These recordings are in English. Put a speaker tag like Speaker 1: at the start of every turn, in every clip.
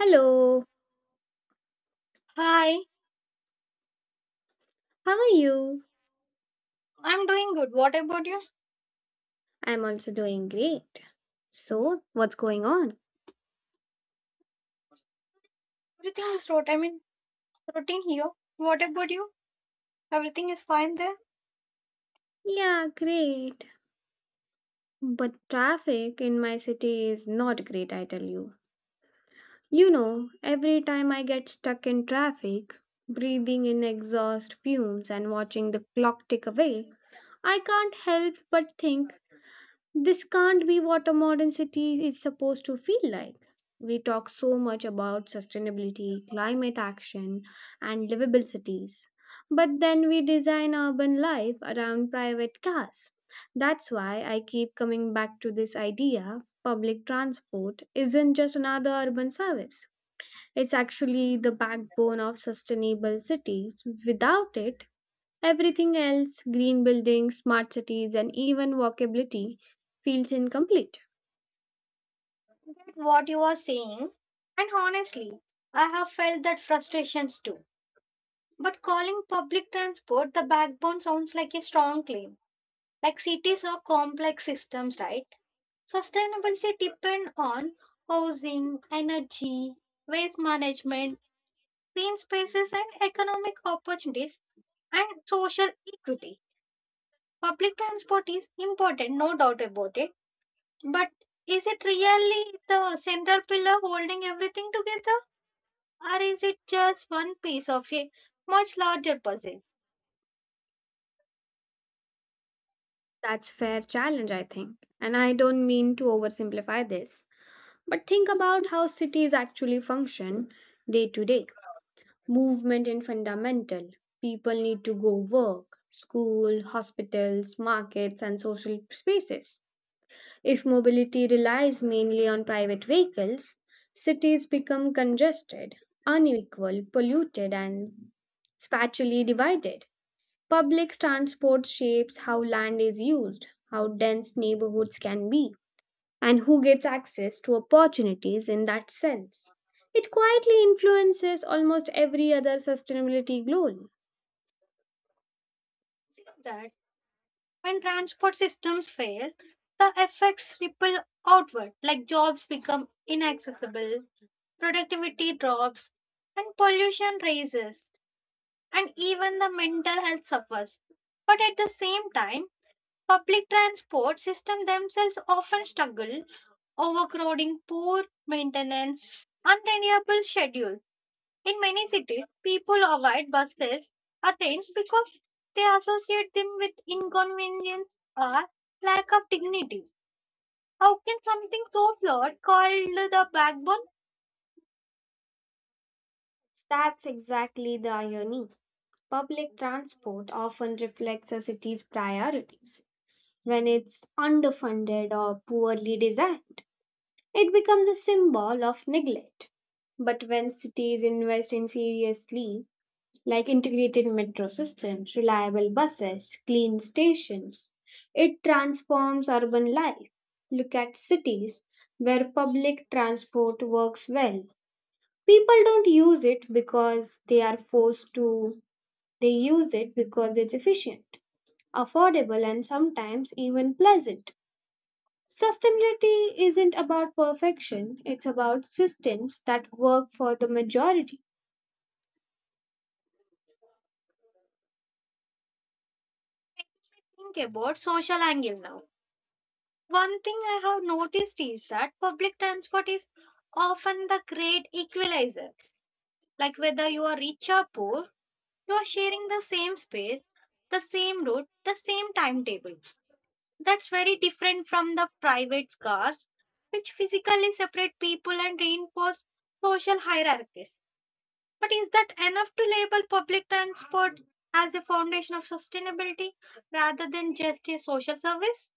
Speaker 1: Hello,
Speaker 2: Hi,
Speaker 1: how are you?
Speaker 2: I'm doing good. What about you?
Speaker 1: I'm also doing great. So, what's going on?
Speaker 2: Everything is rot. I mean, routine here. What about you? Everything is fine there.
Speaker 1: Yeah, great. But traffic in my city is not great, I tell you. You know, every time I get stuck in traffic, breathing in exhaust fumes and watching the clock tick away, I can't help but think this can't be what a modern city is supposed to feel like. We talk so much about sustainability, climate action, and livable cities, but then we design urban life around private cars. That's why I keep coming back to this idea: public transport isn't just another urban service. It's actually the backbone of sustainable cities. Without it, everything else, green buildings, smart cities, and even walkability, feels incomplete.
Speaker 2: Get what you are saying. And honestly, I have felt that frustrations too. But calling public transport the backbone sounds like a strong claim. Like cities are complex systems, right? Sustainability depends on housing, energy, waste management, green spaces, and economic opportunities and social equity. Public transport is important, no doubt about it. But is it really the central pillar holding everything together? Or is it just one piece of a much larger puzzle?
Speaker 1: That's fair challenge, I think. And I don't mean to oversimplify this, but think about how cities actually function day to day. Movement in fundamental. People need to go work, school, hospitals, markets, and social spaces. If mobility relies mainly on private vehicles, cities become congested, unequal, polluted, and spatially divided. Public transport shapes how land is used, how dense neighborhoods can be, and who gets access to opportunities in that sense. It quietly influences almost every other sustainability goal.
Speaker 2: That when transport systems fail, the effects ripple outward, like jobs become inaccessible, productivity drops, and pollution rises, and even the mental health suffers. But at the same time, public transport systems themselves often struggle overcrowding, poor maintenance, unreliable schedule. In many cities, people avoid buses or trains because they associate them with inconvenience or lack of dignity. How can something so flawed called the backbone?
Speaker 1: That's exactly the irony. Public transport often reflects a city's priorities. When it's underfunded or poorly designed, it becomes a symbol of neglect. But when cities invest in seriously, like integrated metro systems, reliable buses, clean stations, it transforms urban life. Look at cities where public transport works well. People don't use it because they are forced to, they use it because it's efficient, affordable, and sometimes even pleasant. Sustainability isn't about perfection, it's about systems that work for the majority.
Speaker 2: Think about social angle now. One thing I have noticed is that public transport is often the great equalizer. Like whether you are rich or poor, you are sharing the same space, the same route, the same timetable. That's very different from the private cars, which physically separate people and reinforce social hierarchies. But is that enough to label public transport as a foundation of sustainability rather than just a social service?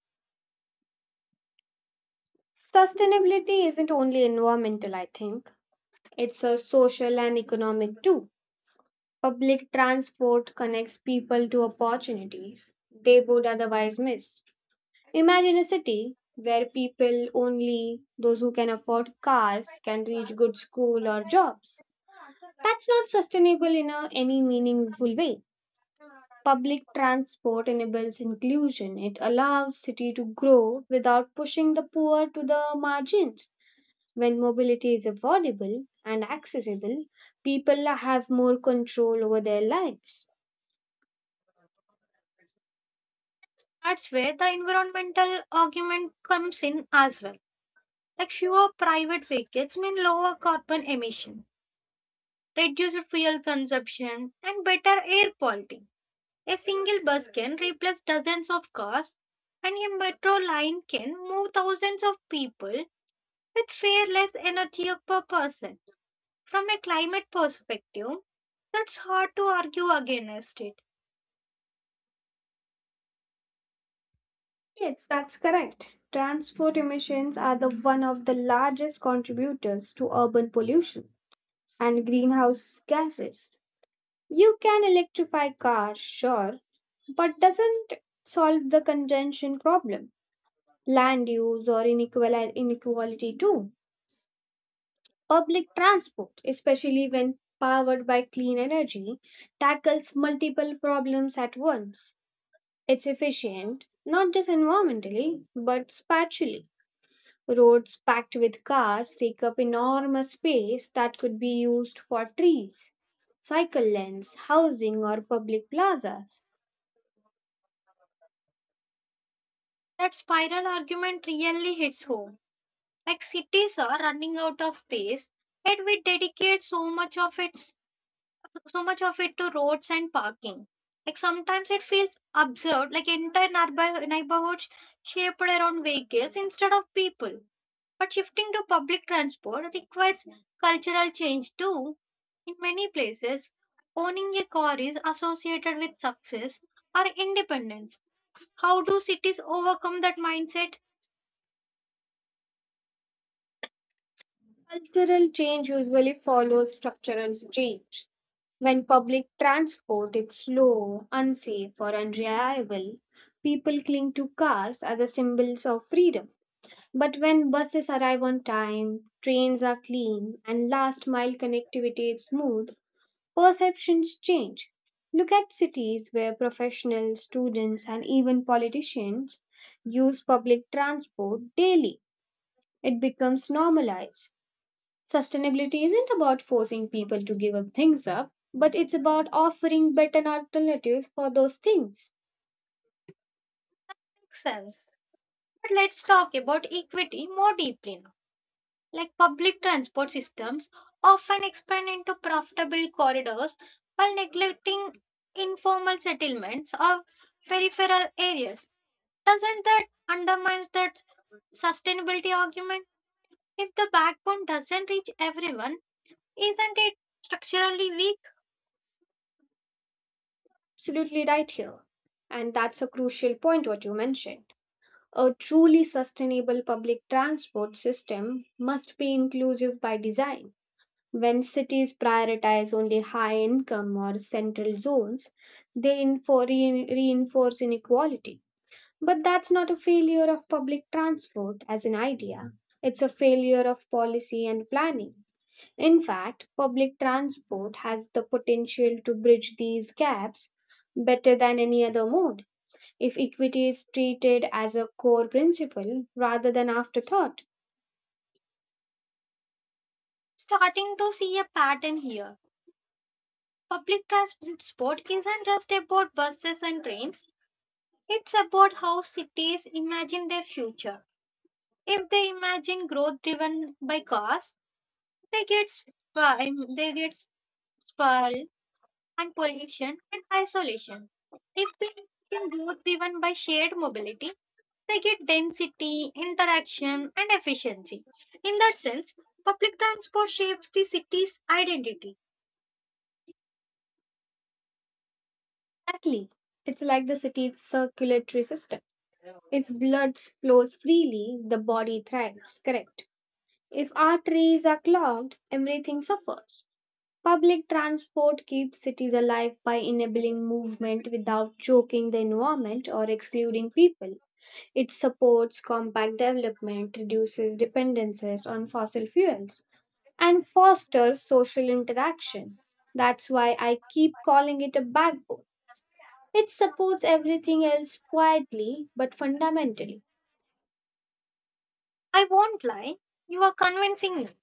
Speaker 1: Sustainability isn't only environmental, I think, it's a social and economic too. Public transport connects people to opportunities they would otherwise miss. Imagine a city where people only those who can afford cars can reach good school or jobs. That's not sustainable in a, any meaningful way. Public transport enables inclusion. It allows city to grow without pushing the poor to the margins. When mobility is affordable and accessible, people have more control over their lives.
Speaker 2: That's where the environmental argument comes in as well. Like fewer private vehicles mean lower carbon emission, reduced fuel consumption, and better air quality. A single bus can replace dozens of cars, and a metro line can move thousands of people with far less energy per person. From a climate perspective, that's hard to argue against it.
Speaker 1: Yes, that's correct. Transport emissions are the one of the largest contributors to urban pollution and greenhouse gases. You can electrify cars, sure, but doesn't solve the congestion problem, land use or inequality too. Public transport, especially when powered by clean energy, tackles multiple problems at once. It's efficient, not just environmentally, but spatially. Roads packed with cars take up enormous space that could be used for trees, cycle lanes, housing, or public plazas.
Speaker 2: That spiral argument really hits home. Like cities are running out of space, and we dedicate so much of it to roads and parking. Like sometimes it feels absurd, like entire neighborhoods shaped around vehicles instead of people. But shifting to public transport requires cultural change too. In many places, owning a car is associated with success or independence. How do cities overcome that mindset?
Speaker 1: Cultural change usually follows structural change. When public transport is slow, unsafe, or unreliable, people cling to cars as a symbols of freedom. But when buses arrive on time, trains are clean, and last mile connectivity is smooth, perceptions change. Look at cities where professionals, students, and even politicians use public transport daily. It becomes normalized. Sustainability isn't about forcing people to give up things up, but it's about offering better alternatives for those things.
Speaker 2: Makes sense. But let's talk about equity more deeply now. Like public transport systems often expand into profitable corridors while neglecting informal settlements or peripheral areas. Doesn't that undermine that sustainability argument? If the backbone doesn't reach everyone, isn't it structurally weak?
Speaker 1: Absolutely right here. And that's a crucial point what you mentioned. A truly sustainable public transport system must be inclusive by design. When cities prioritize only high income or central zones, they reinforce inequality. But that's not a failure of public transport as an idea, it's a failure of policy and planning. In fact, public transport has the potential to bridge these gaps better than any other mode if equity is treated as a core principle rather than afterthought.
Speaker 2: Starting to see a pattern here. Public transport isn't just about buses and trains, it's about how cities imagine their future. If they imagine growth driven by cost, they get sprawl and pollution and isolation. If they imagine growth driven by shared mobility, they get density, interaction, and efficiency. In that sense, public transport shapes the city's identity.
Speaker 1: Exactly. It's like the city's circulatory system. If blood flows freely, the body thrives, correct. If arteries are clogged, everything suffers. Public transport keeps cities alive by enabling movement without choking the environment or excluding people. It supports compact development, reduces dependencies on fossil fuels, and fosters social interaction. That's why I keep calling it a backbone. It supports everything else quietly but fundamentally.
Speaker 2: I won't lie, you are convincing me.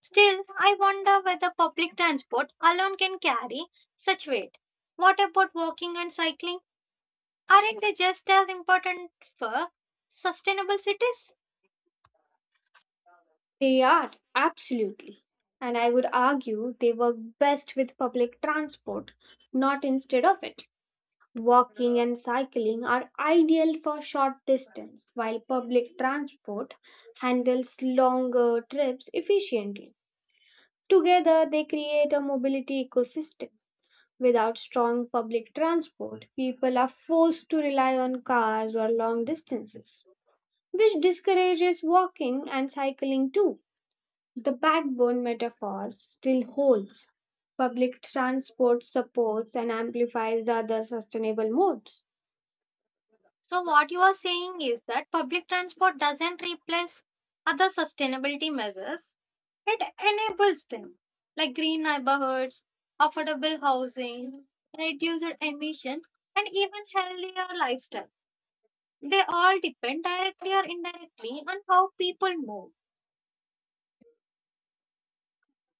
Speaker 2: Still, I wonder whether public transport alone can carry such weight. What about walking and cycling? Aren't they just as important for sustainable cities?
Speaker 1: They are, absolutely. And I would argue they work best with public transport, not instead of it. Walking and cycling are ideal for short distance, while public transport handles longer trips efficiently. Together, they create a mobility ecosystem. Without strong public transport, people are forced to rely on cars or long distances, which discourages walking and cycling too. The backbone metaphor still holds. Public transport supports and amplifies the other sustainable modes.
Speaker 2: So, what you are saying is that public transport doesn't replace other sustainability measures, it enables them, like green neighborhoods, affordable housing, reduced emissions, and even healthier lifestyles. They all depend directly or indirectly on how people move.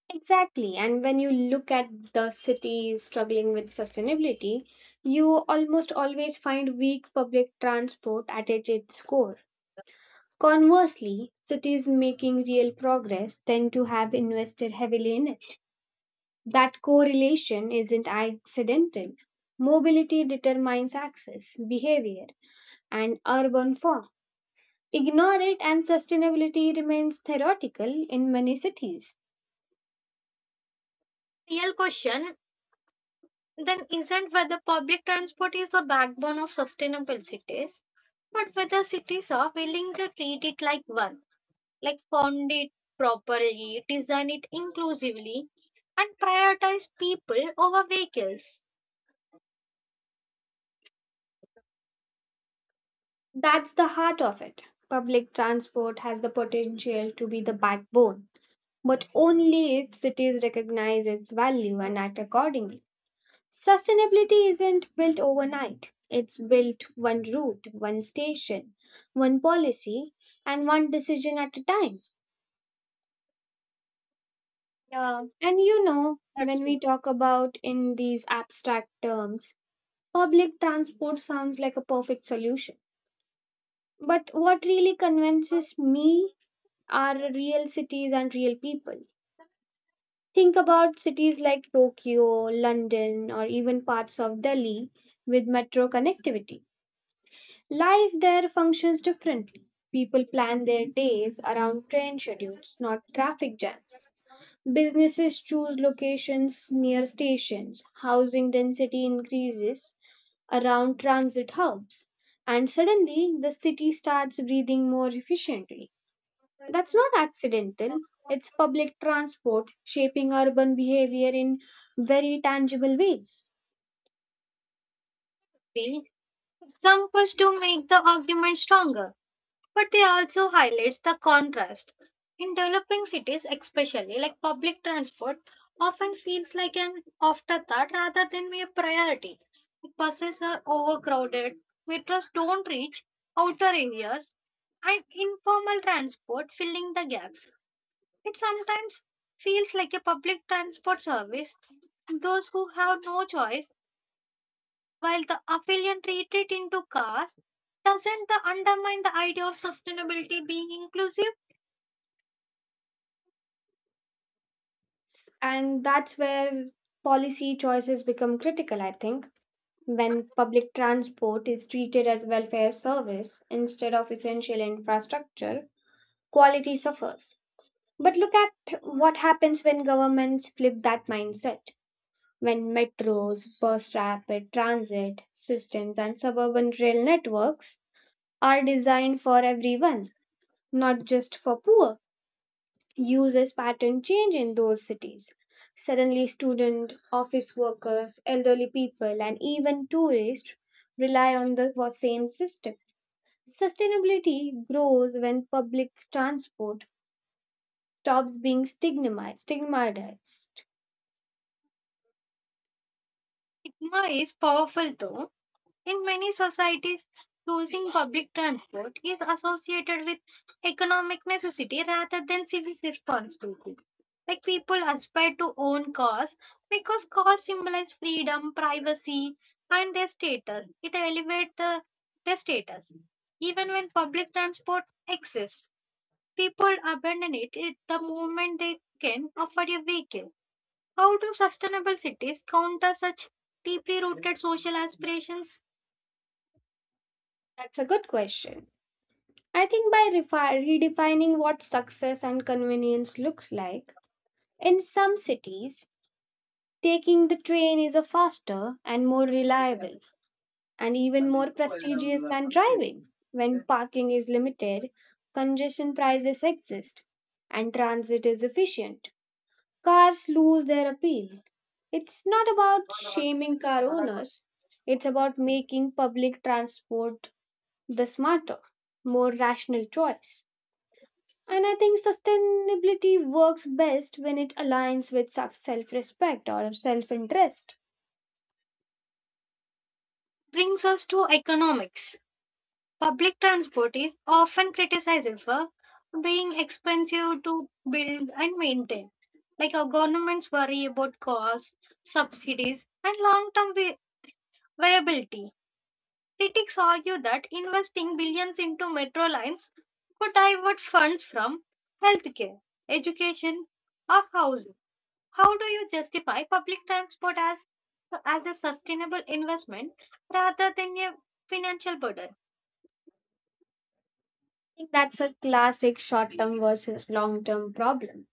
Speaker 1: Exactly. And when you look at the cities struggling with sustainability, you almost always find weak public transport at its core. Conversely, cities making real progress tend to have invested heavily in it. That correlation isn't accidental. Mobility determines access, behavior, and urban form. Ignore it, and sustainability remains theoretical in many cities.
Speaker 2: Real question then isn't whether public transport is the backbone of sustainable cities, but whether cities are willing to treat it like one, like fund it properly, design it inclusively, and prioritize people over vehicles.
Speaker 1: That's the heart of it. Public transport has the potential to be the backbone, but only if cities recognize its value and act accordingly. Sustainability isn't built overnight, it's built one route, one station, one policy, and one decision at a time.
Speaker 2: Yeah,
Speaker 1: And you know,
Speaker 2: that's
Speaker 1: when we
Speaker 2: true.
Speaker 1: talk about in these abstract terms, public transport sounds like a perfect solution. But what really convinces me are real cities and real people. Think about cities like Tokyo, London, or even parts of Delhi with metro connectivity. Life there functions differently. People plan their days around train schedules, not traffic jams. Businesses choose locations near stations. Housing density increases around transit hubs. And suddenly, the city starts breathing more efficiently. That's not accidental, it's public transport shaping urban behavior in very tangible ways.
Speaker 2: The Examples do make the argument stronger, but they also highlights the contrast in developing cities, especially. Like public transport often feels like an afterthought rather than a priority. Buses are overcrowded, metros don't reach outer areas, and informal transport filling the gaps. It sometimes feels like a public transport service those who have no choice, while the affiliate retreat into caste. Doesn't the undermine the idea of sustainability being inclusive?
Speaker 1: And that's where policy choices become critical, I think. When public transport is treated as welfare service instead of essential infrastructure, quality suffers. But look at what happens when governments flip that mindset. When metros, bus rapid transit systems, and suburban rail networks are designed for everyone, not just for poor. Users pattern change in those cities. Suddenly, student, office workers, elderly people, and even tourists rely on the for same system. Sustainability grows when public transport stops being stigmatized. Stigmatized.
Speaker 2: Stigma is powerful though. In many societies, choosing public transport is associated with economic necessity rather than civic responsibility. Like people aspire to own cars because cars symbolize freedom, privacy, and their status. It elevates their status. Even when public transport exists, people abandon it at the moment they can afford a vehicle. How do sustainable cities counter such deeply rooted social aspirations?
Speaker 1: That's a good question. I think by redefining what success and convenience looks like, in some cities, taking the train is a faster and more reliable and even more prestigious than driving. When parking is limited, congestion prices exist, and transit is efficient. Cars lose their appeal. It's not about shaming car owners, it's about making public transport the smarter, more rational choice. And I think sustainability works best when it aligns with self respect or self interest.
Speaker 2: Brings us to economics. Public transport is often criticized for being expensive to build and maintain. Like our governments worry about costs, subsidies, and long term viability. Critics argue that investing billions into metro lines could divert funds from healthcare, education, or housing. How do you justify public transport as a sustainable investment rather than a financial burden?
Speaker 1: I think that's a classic short term versus long term problem.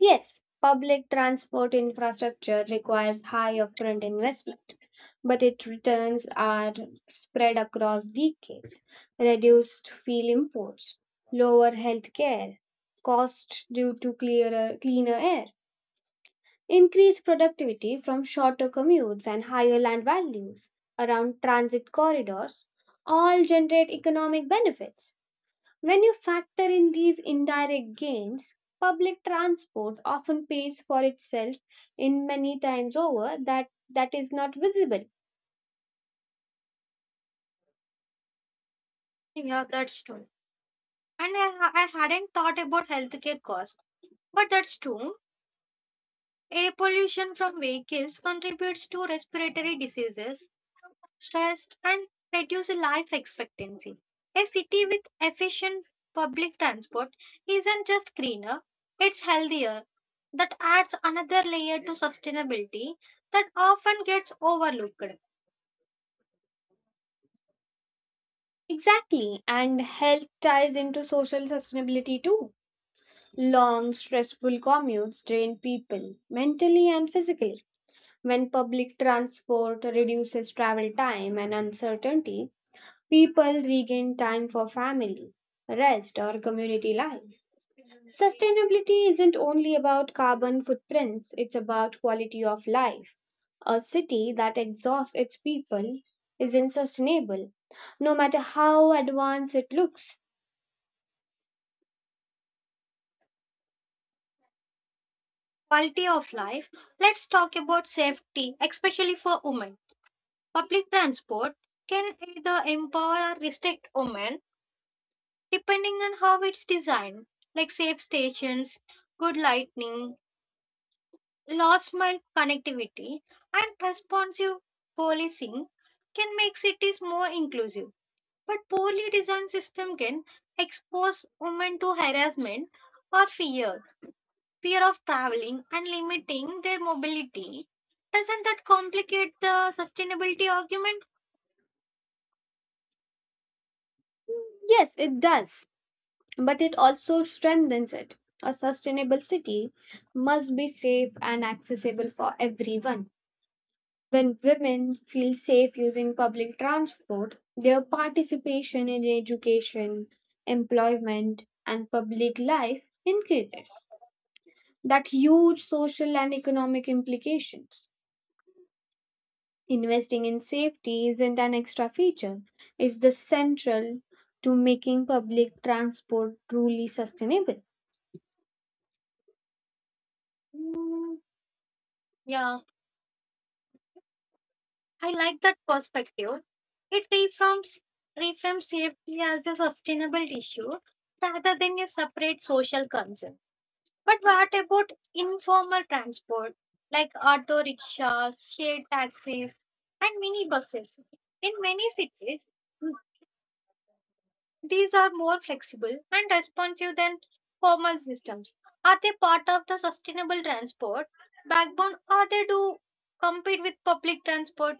Speaker 1: Yes, public transport infrastructure requires high upfront investment, but its returns are spread across decades. Reduced fuel imports, lower health care, cost due to clearer, cleaner air increased productivity from shorter commutes and higher land values around transit corridors all generate economic benefits. When you factor in these indirect gains, public transport often pays for itself in many times over that is not visible.
Speaker 2: Yeah, that's true. And I hadn't thought about healthcare cost, but that's true. Air pollution from vehicles contributes to respiratory diseases, stress, and reduces life expectancy. A city with efficient public transport isn't just greener, it's healthier. That adds another layer to sustainability that often gets overlooked.
Speaker 1: Exactly, and health ties into social sustainability too. Long, stressful commutes drain people mentally and physically. When public transport reduces travel time and uncertainty, people regain time for family, rest, or community life. Sustainability isn't only about carbon footprints, it's about quality of life. A city that exhausts its people isn't sustainable, no matter how advanced it looks.
Speaker 2: Quality of life. Let's talk about safety, especially for women. Public transport can either empower or restrict women depending on how it's designed, like safe stations, good lightning, last mile connectivity, and responsive policing can make cities more inclusive. But poorly designed system can expose women to harassment or fear, fear of traveling and limiting their mobility. Doesn't that complicate the sustainability argument?
Speaker 1: Yes, it does, but it also strengthens it. A sustainable city must be safe and accessible for everyone. When women feel safe using public transport, their participation in education, employment, and public life increases. That huge social and economic implications. Investing in safety isn't an extra feature, it's the central to making public transport truly sustainable.
Speaker 2: Mm, yeah. I like that perspective. It reframes safety as a sustainable issue rather than a separate social concern. But what about informal transport like auto rickshaws, shared taxis, and minibuses? In many cities, these are more flexible and responsive than formal systems. Are they part of the sustainable transport backbone, or they do compete with public transport?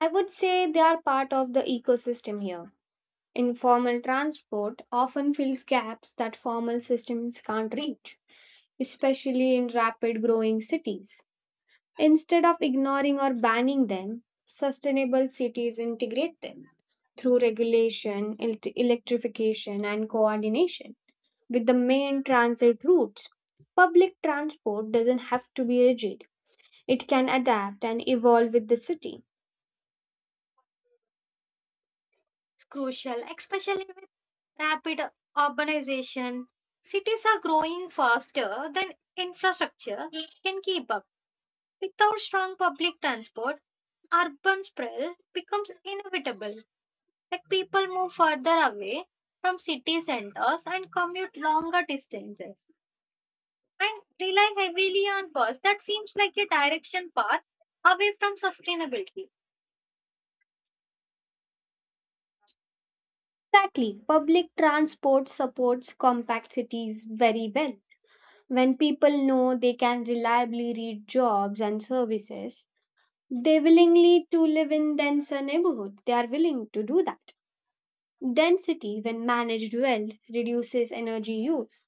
Speaker 1: I would say they are part of the ecosystem here. Informal transport often fills gaps that formal systems can't reach, especially in rapid growing cities. Instead of ignoring or banning them, sustainable cities integrate them through regulation, electrification, and coordination with the main transit routes. Public transport doesn't have to be rigid, it can adapt and evolve with the city.
Speaker 2: It's crucial, especially rapid urbanization, cities are growing faster than infrastructure can keep up. Without strong public transport, urban sprawl becomes inevitable. Like people move further away from city centers and commute longer distances and rely heavily on cars. That seems like a direction path away from sustainability.
Speaker 1: Exactly, public transport supports compact cities very well. When people know they can reliably reach jobs and services, they willingly to live in denser neighborhood. They are willing to do that. Density, when managed well, reduces energy use,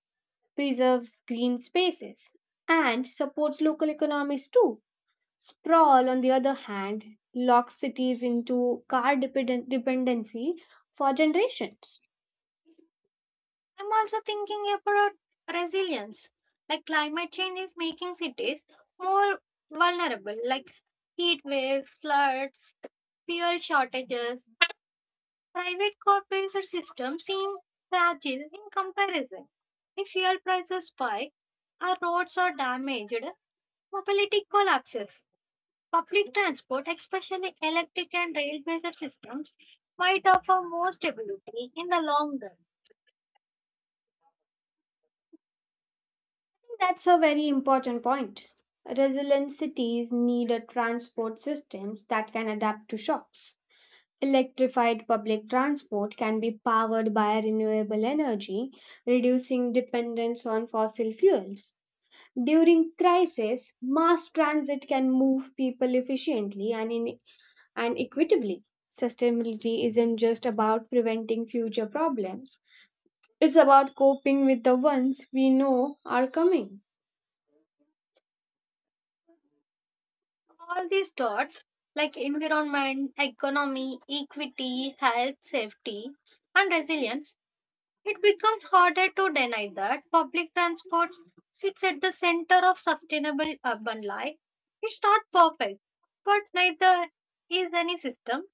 Speaker 1: preserves green spaces, and supports local economies too. Sprawl, on the other hand, locks cities into car dependency for generations.
Speaker 2: I'm also thinking about resilience. Like climate change is making cities more vulnerable, like heat waves, floods, fuel shortages. Private corporate systems seem fragile in comparison. If fuel prices spike, our roads are damaged, mobility collapses. Public transport, especially electric and rail-based systems, might offer more stability in the long run.
Speaker 1: That's a very important point. Resilient cities need a transport systems that can adapt to shocks. Electrified public transport can be powered by renewable energy, reducing dependence on fossil fuels. During crisis, mass transit can move people efficiently and, in, and equitably. Sustainability isn't just about preventing future problems, it's about coping with the ones we know are coming.
Speaker 2: All these dots, like environment, economy, equity, health, safety, and resilience, it becomes harder to deny that public transport sits at the center of sustainable urban life. It's not perfect, but neither is any system.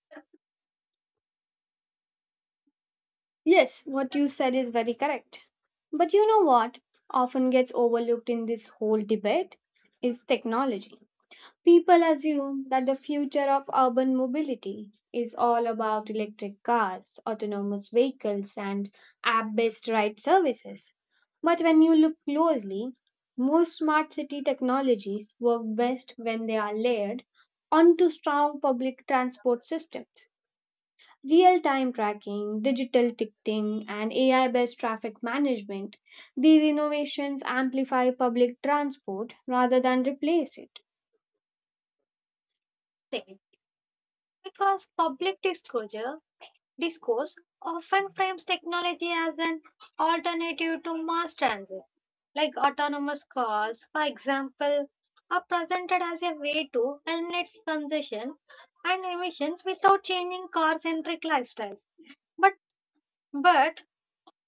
Speaker 1: Yes, what you said is very correct. But you know what often gets overlooked in this whole debate is technology. People assume that the future of urban mobility is all about electric cars, autonomous vehicles, and app based ride services. But when you look closely, most smart city technologies work best when they are layered onto strong public transport systems. Real time tracking, digital ticketing, and AI based traffic management, these innovations amplify public transport rather than replace it.
Speaker 2: Safe, because public disclosure discourse often frames technology as an alternative to mass transit, like autonomous cars, for example, are presented as a way to eliminate congestion and emissions without changing car centric lifestyles. But, but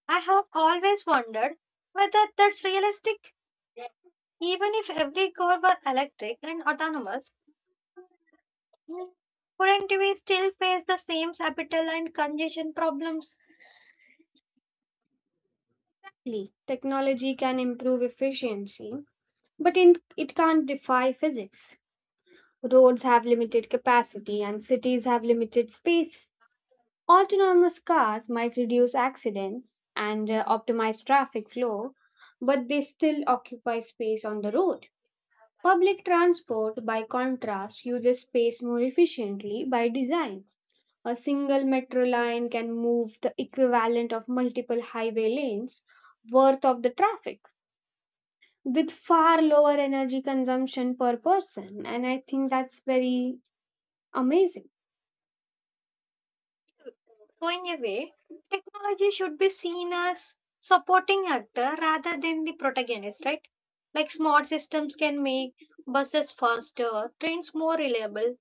Speaker 2: I have always wondered whether that's realistic, even if every car were electric and autonomous. Couldn't we still face the same capital and congestion problems?
Speaker 1: Exactly. Technology can improve efficiency, but it can't defy physics. Roads have limited capacity and cities have limited space. Autonomous cars might reduce accidents and optimize traffic flow, but they still occupy space on the road. Public transport, by contrast, uses space more efficiently by design. A single metro line can move the equivalent of multiple highway lanes worth of the traffic, with far lower energy consumption per person. And I think that's very amazing.
Speaker 2: Going away, technology should be seen as supporting actor rather than the protagonist, right? Like smart systems can make buses faster, trains more reliable,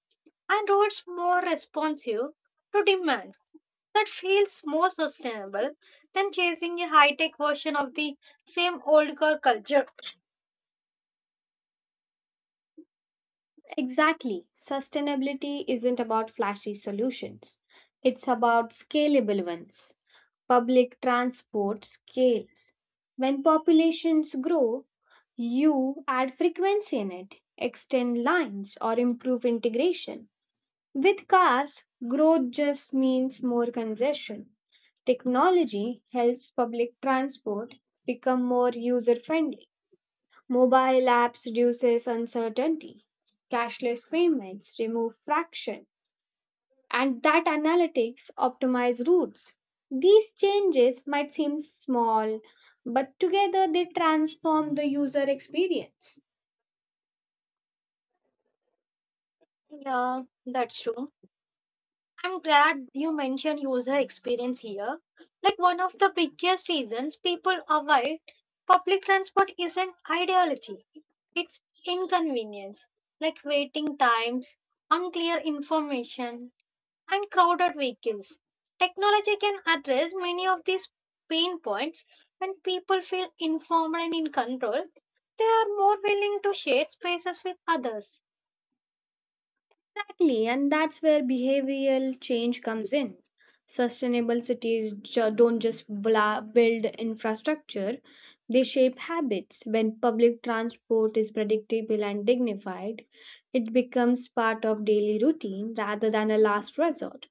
Speaker 2: and roads more responsive to demand. That feels more sustainable than chasing a high tech version of the same old car culture.
Speaker 1: Exactly. Sustainability isn't about flashy solutions, it's about scalable ones. Public transport scales. When populations grow, you add frequency in it, extend lines, or improve integration. With cars, growth just means more congestion. Technology helps public transport become more user friendly. Mobile apps reduces uncertainty. Cashless payments remove friction, and that analytics optimize routes. These changes might seem small, but together they transform the user experience.
Speaker 2: Yeah, that's true. I'm glad you mentioned user experience here. Like one of the biggest reasons people avoid public transport isn't ideology. It's inconvenience, like waiting times, unclear information, and crowded vehicles. Technology can address many of these pain points when people feel informed and in control. They are more willing to share spaces with others.
Speaker 1: Exactly, and that's where behavioral change comes in. Sustainable cities don't just build infrastructure, they shape habits. When public transport is predictable and dignified, it becomes part of daily routine rather than a last resort.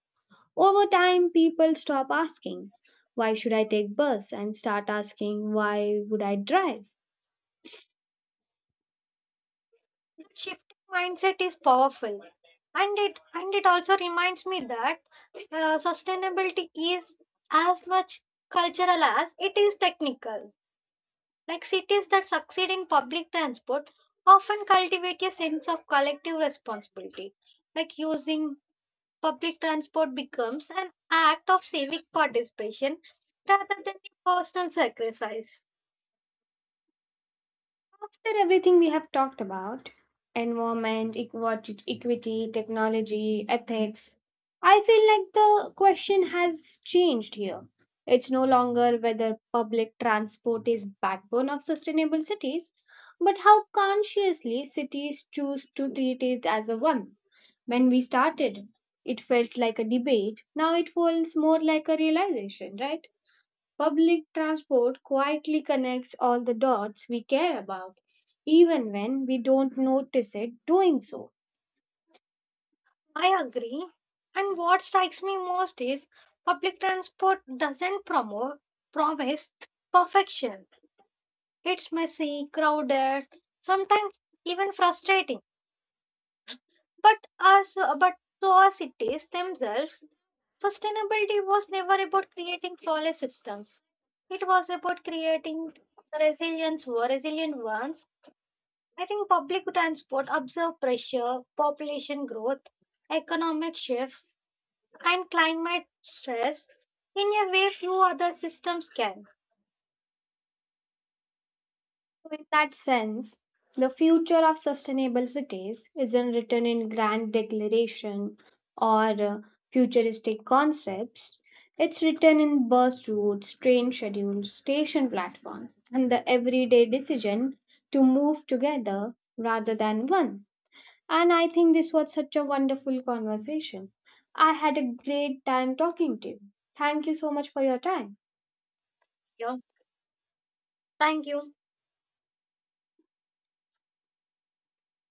Speaker 1: Over time, people stop asking, "Why should I take bus?" and start asking, "Why would I drive?"
Speaker 2: That shifting mindset is powerful, and it also reminds me that sustainability is as much cultural as it is technical. Like cities that succeed in public transport often cultivate a sense of collective responsibility. Like using public transport becomes an act of civic participation rather than a personal sacrifice.
Speaker 1: After everything we have talked about, environment, equity, technology, ethics, I feel like the question has changed here. It's no longer whether public transport is backbone of sustainable cities, but how consciously cities choose to treat it as a one. When we started, it felt like a debate. Now it feels more like a realization, right? Public transport quietly connects all the dots we care about, even when we don't notice it doing so.
Speaker 2: I agree. And what strikes me most is public transport doesn't promote promise perfection. It's messy, crowded, sometimes even frustrating. But to our cities themselves, sustainability was never about creating flawless systems. It was about creating resilient ones. I think public transport observed pressure, population growth, economic shifts and climate stress in a way few other systems can.
Speaker 1: So in that sense, the future of sustainable cities isn't written in grand declaration or uh, futuristic concepts. It's written in bus routes, train schedules, station platforms, and the everyday decision to move together rather than one. And I think this was such a wonderful conversation. I had a great time talking to you. Thank you so much for your time.
Speaker 2: Yeah. Thank you.